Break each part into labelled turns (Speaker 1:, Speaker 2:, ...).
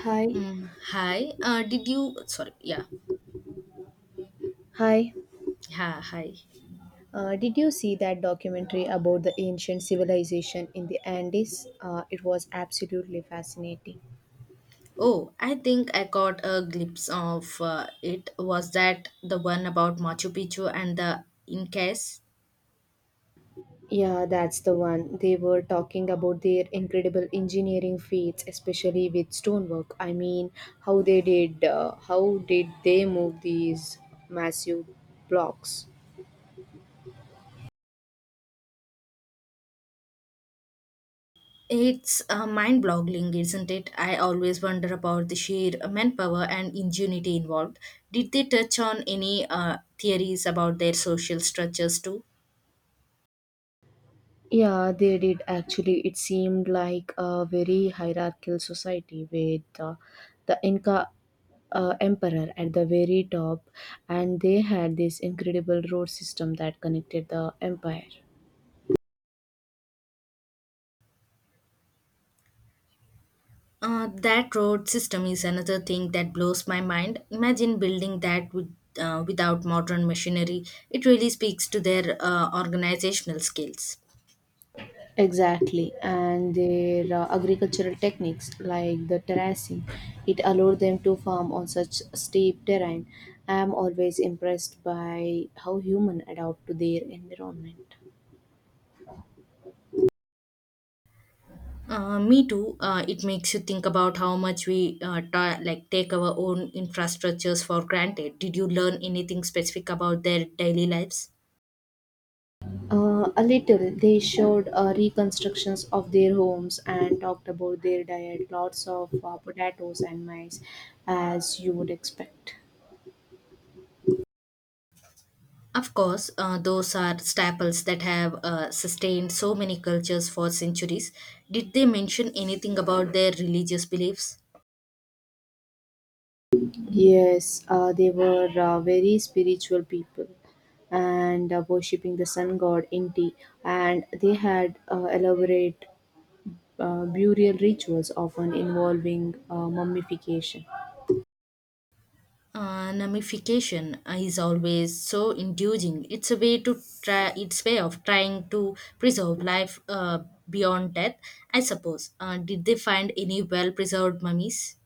Speaker 1: Hi.
Speaker 2: Hi. Did you? Sorry. Yeah.
Speaker 1: Hi.
Speaker 2: Hi.
Speaker 1: Did you see that documentary about the ancient civilization in the Andes? It was absolutely fascinating.
Speaker 2: Oh, I think I got a glimpse of it. Was that the one about Machu Picchu and the Incas?
Speaker 1: Yeah, that's the one. They were talking about their incredible engineering feats, especially with stonework. I mean, how they did, how did they move these massive blocks?
Speaker 2: It's mind-boggling, isn't it? I always wonder about the sheer manpower and ingenuity involved. Did they touch on any theories about their social structures too?
Speaker 1: Yeah, they did actually. It seemed like a very hierarchical society with the Inca emperor at the very top, and they had this incredible road system that connected the empire.
Speaker 2: That road system is another thing that blows my mind. Imagine building that with, without modern machinery. It really speaks to their organizational skills.
Speaker 1: Exactly, and their agricultural techniques like the terracing, it allowed them to farm on such steep terrain. I am always impressed by how human adapt to their environment.
Speaker 2: Me too. It makes you think about how much we like take our own infrastructures for granted. Did you learn anything specific about their daily lives?
Speaker 1: A little. They showed reconstructions of their homes and talked about their diet, lots of potatoes and mice, as you would expect.
Speaker 2: Of course, those are staples that have sustained so many cultures for centuries. Did they mention anything about their religious beliefs?
Speaker 1: Yes, they were very spiritual people and worshipping the sun god Inti, and they had elaborate burial rituals, often involving mummification.
Speaker 2: Nullification is always so inducing. It's a way to try. It's way of trying to preserve life beyond death. I suppose. Did they find any well-preserved mummies?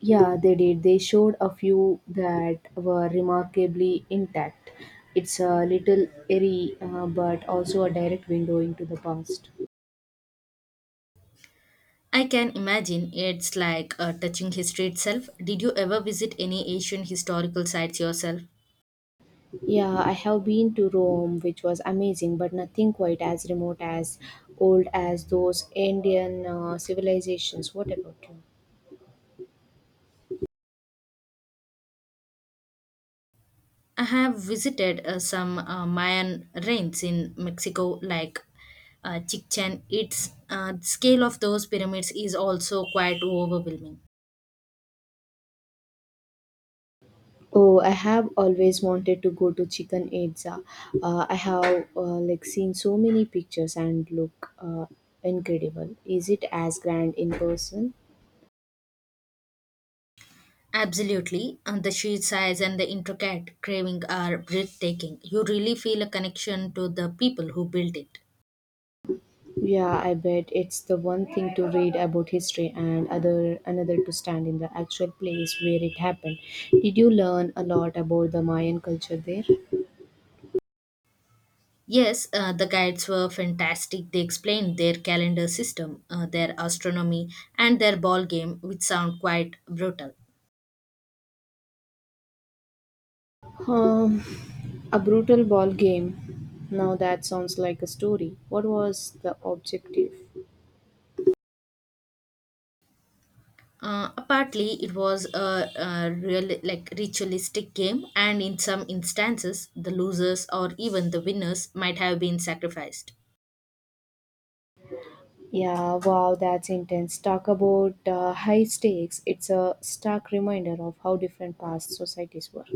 Speaker 1: Yeah, they did. They showed a few that were remarkably intact. It's a little eerie, but also a direct window into the past.
Speaker 2: I can imagine it's like touching history itself. Did you ever visit any ancient historical sites yourself?
Speaker 1: Yeah, I have been to Rome, which was amazing, but nothing quite as remote as old as those Indian civilizations. What about you?
Speaker 2: I have visited some Mayan ruins in Mexico, like Chichen. It's scale of those pyramids is also quite overwhelming.
Speaker 1: Oh, I have always wanted to go to Chichen Itza. I have like seen so many pictures and look incredible. Is it as grand in person?
Speaker 2: Absolutely. And the sheet size and the intricate carving are breathtaking. You really feel a connection to the people who built it.
Speaker 1: Yeah, I bet it's the one thing to read about history and other another to stand in the actual place where it happened. Did you learn a lot about the Mayan culture there?
Speaker 2: Yes, the guides were fantastic. They explained their calendar system, their astronomy, and their ball game, which sound quite brutal.
Speaker 1: Um, a brutal ball game. Now that sounds like a story. What was the objective?
Speaker 2: Partly, it was a real, like ritualistic game, and in some instances, the losers or even the winners might have been sacrificed.
Speaker 1: Yeah, wow, that's intense. Talk about high stakes. It's a stark reminder of how different past societies were.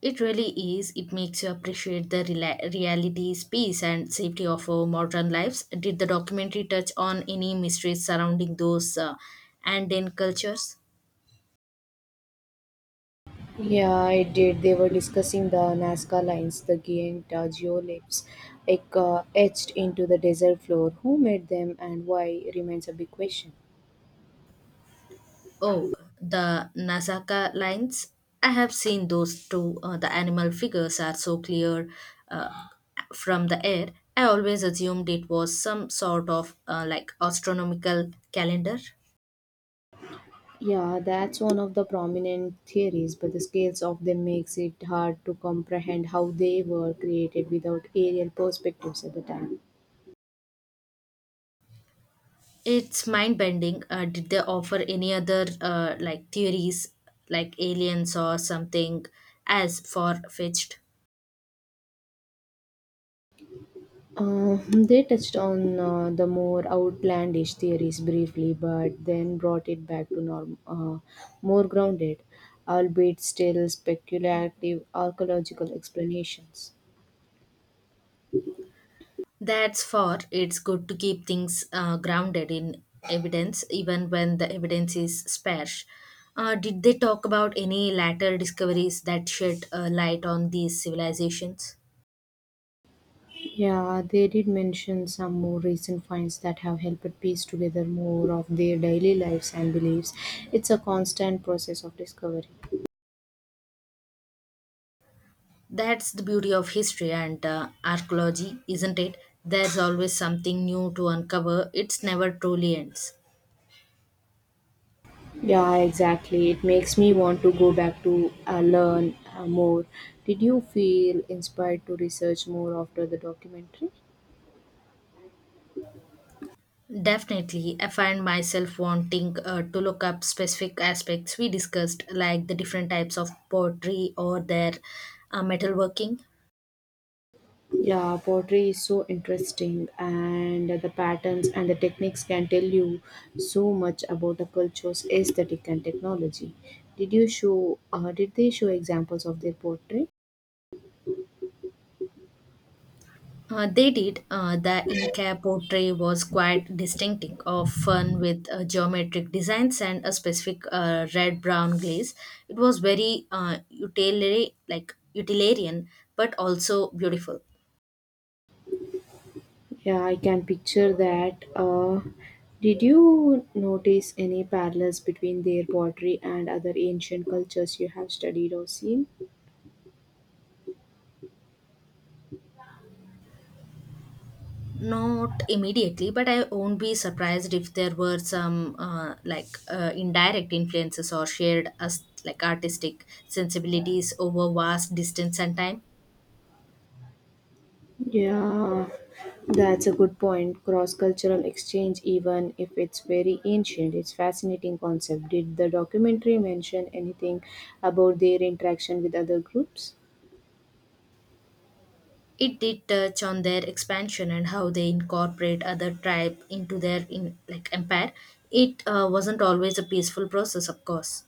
Speaker 2: It really is. It makes you appreciate the reality, space, and safety of our modern lives. Did the documentary touch on any mysteries surrounding those Anden cultures?
Speaker 1: Yeah, I did. They were discussing the Nazca lines, the giant geoliths like, etched into the desert floor. Who made them and why remains a big question.
Speaker 2: Oh, the Nazca lines. I have seen those too. The animal figures are so clear uh, from the air. I always assumed it was some sort of like astronomical calendar.
Speaker 1: Yeah, that's one of the prominent theories, but the scales of them makes it hard to comprehend how they were created without aerial perspectives at the time.
Speaker 2: It's mind bending. Did they offer any other like theories, like aliens or something, as far fetched?
Speaker 1: They touched on the more outlandish theories briefly, but then brought it back to norm, more grounded, albeit still speculative archaeological explanations.
Speaker 2: That's for it's good to keep things grounded in evidence, even when the evidence is sparse. Did they talk about any later discoveries that shed light on these civilizations?
Speaker 1: Yeah, they did mention some more recent finds that have helped piece together more of their daily lives and beliefs. It's a constant process of discovery.
Speaker 2: That's the beauty of history and archaeology, isn't it? There's always something new to uncover. It's never truly ends.
Speaker 1: Yeah, exactly. It makes me want to go back to learn more. Did you feel inspired to research more after the documentary?
Speaker 2: Definitely, I find myself wanting to look up specific aspects we discussed, like the different types of pottery or their metalworking.
Speaker 1: Yeah, pottery is so interesting, and the patterns and the techniques can tell you so much about the culture's aesthetic and technology. Did you show? Did they show examples of their pottery?
Speaker 2: They did. The Inca pottery was quite distinctive, of fun with geometric designs and a specific red-brown glaze. It was very utilitarian, like utilitarian, but also beautiful.
Speaker 1: Yeah, I can picture that. Did you notice any parallels between their pottery and other ancient cultures you have studied or seen?
Speaker 2: Not immediately, but I won't be surprised if there were some like indirect influences or shared as like artistic sensibilities over vast distance and time.
Speaker 1: Yeah, that's a good point. Cross cultural exchange, even if it's very ancient, it's fascinating concept. Did the documentary mention anything about their interaction with other groups?
Speaker 2: It did touch on their expansion and how they incorporate other tribe into like empire. It wasn't always a peaceful process, of course.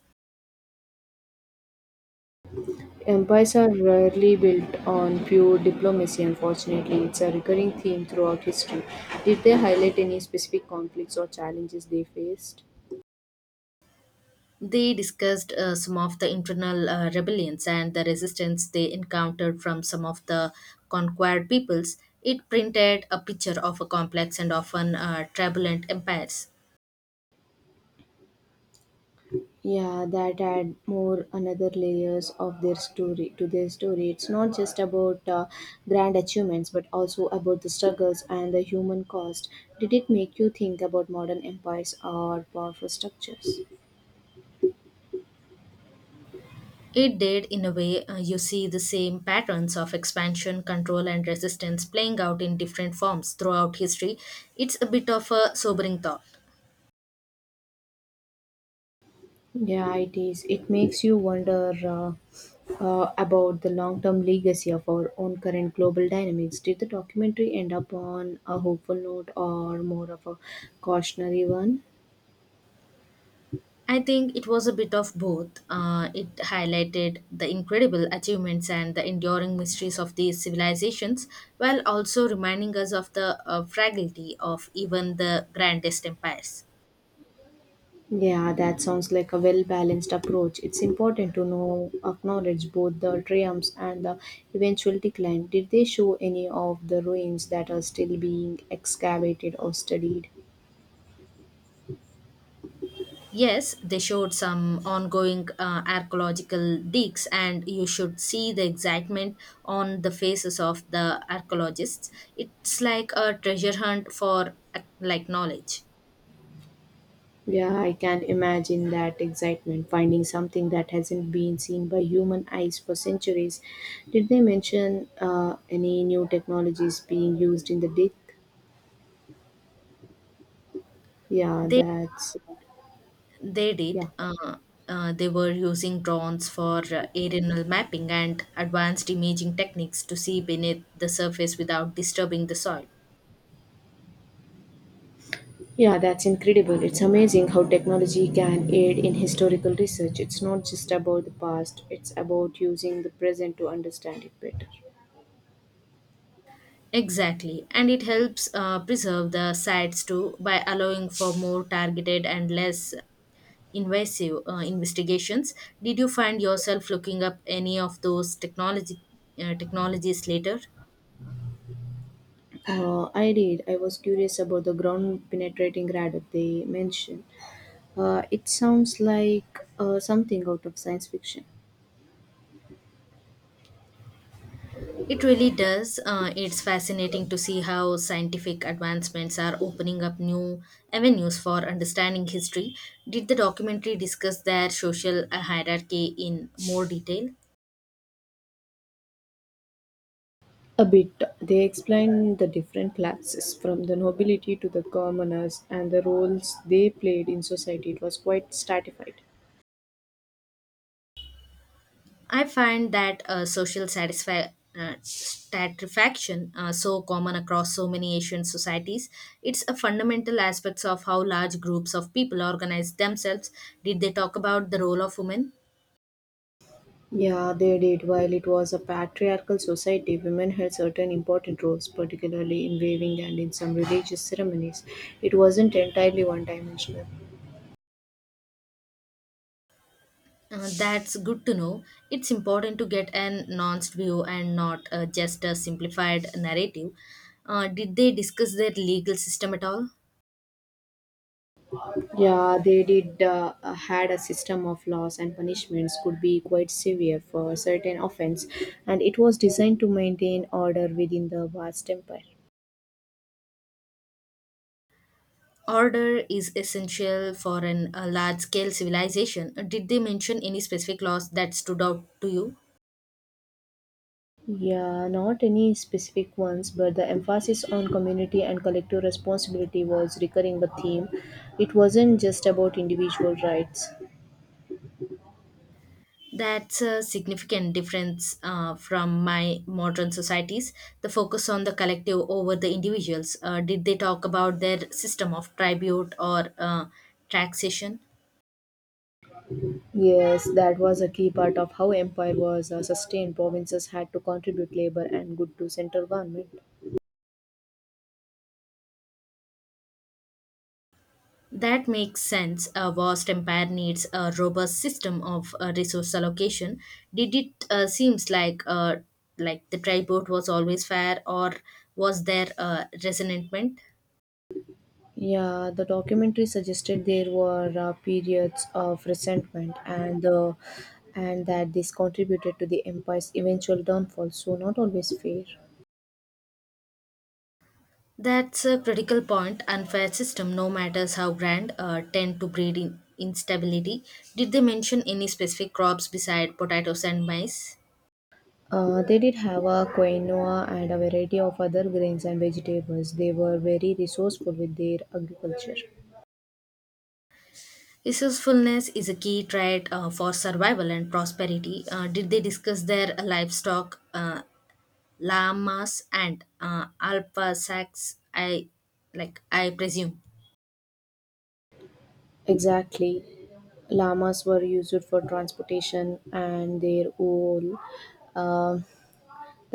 Speaker 1: Empires are rarely built on pure diplomacy, unfortunately. It's a recurring theme throughout history. Did they highlight any specific conflicts or challenges they faced?
Speaker 2: They discussed some of the internal rebellions and the resistance they encountered from some of the conquered peoples. It printed a picture of a complex and often turbulent empires.
Speaker 1: Yeah, that add more another layers of their story to their story. It's not just about grand achievements, but also about the struggles and the human cost. Did it make you think about modern empires or powerful structures?
Speaker 2: It did, in a way, you see the same patterns of expansion, control, and resistance playing out in different forms throughout history. It's a bit of a sobering thought.
Speaker 1: Yeah, it is. It makes you wonder about the long term legacy of our own current global dynamics. Did the documentary end up on a hopeful note or more of a cautionary one?
Speaker 2: I think it was a bit of both. It highlighted the incredible achievements and the enduring mysteries of these civilizations, while also reminding us of the fragility of even the grandest empires.
Speaker 1: Yeah, that sounds like a well balanced approach. It's important to know, acknowledge both the triumphs and the eventual decline. Did they show any of the ruins that are still being excavated or studied?
Speaker 2: Yes, they showed some ongoing archaeological digs, and you should see the excitement on the faces of the archaeologists. It's like a treasure hunt for like knowledge.
Speaker 1: Yeah, I can imagine that excitement finding something that hasn't been seen by human eyes for centuries. Did they mention any new technologies being used in the disc? Yeah,
Speaker 2: They
Speaker 1: that's
Speaker 2: They
Speaker 1: yeah.
Speaker 2: did. They were using drones for aerial mapping and advanced imaging techniques to see beneath the surface without disturbing the soil.
Speaker 1: Yeah, that's incredible. It's amazing how technology can aid in historical research. It's not just about the past, it's about using the present to understand it better.
Speaker 2: Exactly, and it helps preserve the sites too by allowing for more targeted and less invasive investigations. Did you find yourself looking up any of those technology technologies later?
Speaker 1: I did. I was curious about the ground penetrating radar they mentioned. It sounds like something out of science fiction.
Speaker 2: It really does. It's fascinating to see how scientific advancements are opening up new avenues for understanding history. Did the documentary discuss their social hierarchy in more detail?
Speaker 1: A bit. They explain the different classes, from the nobility to the commoners, and the roles they played in society. It was quite stratified.
Speaker 2: I find that social satisfaction so common across so many Asian societies. It's a fundamental aspect of how large groups of people organize themselves. Did they talk about the role of women?
Speaker 1: Yeah, they did. While it was a patriarchal society, women held certain important roles, particularly in weaving and in some religious ceremonies. It wasn't entirely one dimensional.
Speaker 2: That's good to know. It's important to get a nuanced view and not just a simplified narrative. Did they discuss their legal system at all?
Speaker 1: Yeah, they did had a system of laws and punishments could be quite severe for certain offense, and it was designed to maintain order within the vast empire.
Speaker 2: Order is essential for a large scale civilization. Did they mention any specific laws that stood out to you?
Speaker 1: Yeah, not any specific ones, but the emphasis on community and collective responsibility was recurring a theme. It wasn't just about individual rights.
Speaker 2: That's a significant difference from my modern societies. The focus on the collective over the individuals. Did they talk about their system of tribute or taxation?
Speaker 1: Yes, that was a key part of how empire was sustained. Provinces had to contribute labor and good to central government.
Speaker 2: That makes sense. A vast empire needs a robust system of resource allocation. Did it seems like the tribute was always fair, or was there resentment?
Speaker 1: Yeah, the documentary suggested there were periods of resentment and that this contributed to the empire's eventual downfall, so not always fair.
Speaker 2: That's a critical point. Unfair system, no matters how grand, tend to breed in instability. Did they mention any specific crops beside potatoes and maize?
Speaker 1: They did have a quinoa and a variety of other grains and vegetables. They were very resourceful with their agriculture.
Speaker 2: Resourcefulness is a key trait for survival and prosperity. Did they discuss their livestock llamas and alpha sacs I like I presume.
Speaker 1: Exactly. Llamas were used for transportation and their wool. um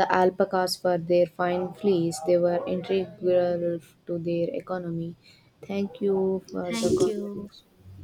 Speaker 1: The alpacas for their fine fleece, they were integral to their economy. Thank you for the
Speaker 2: Thank
Speaker 1: conversation.
Speaker 2: you.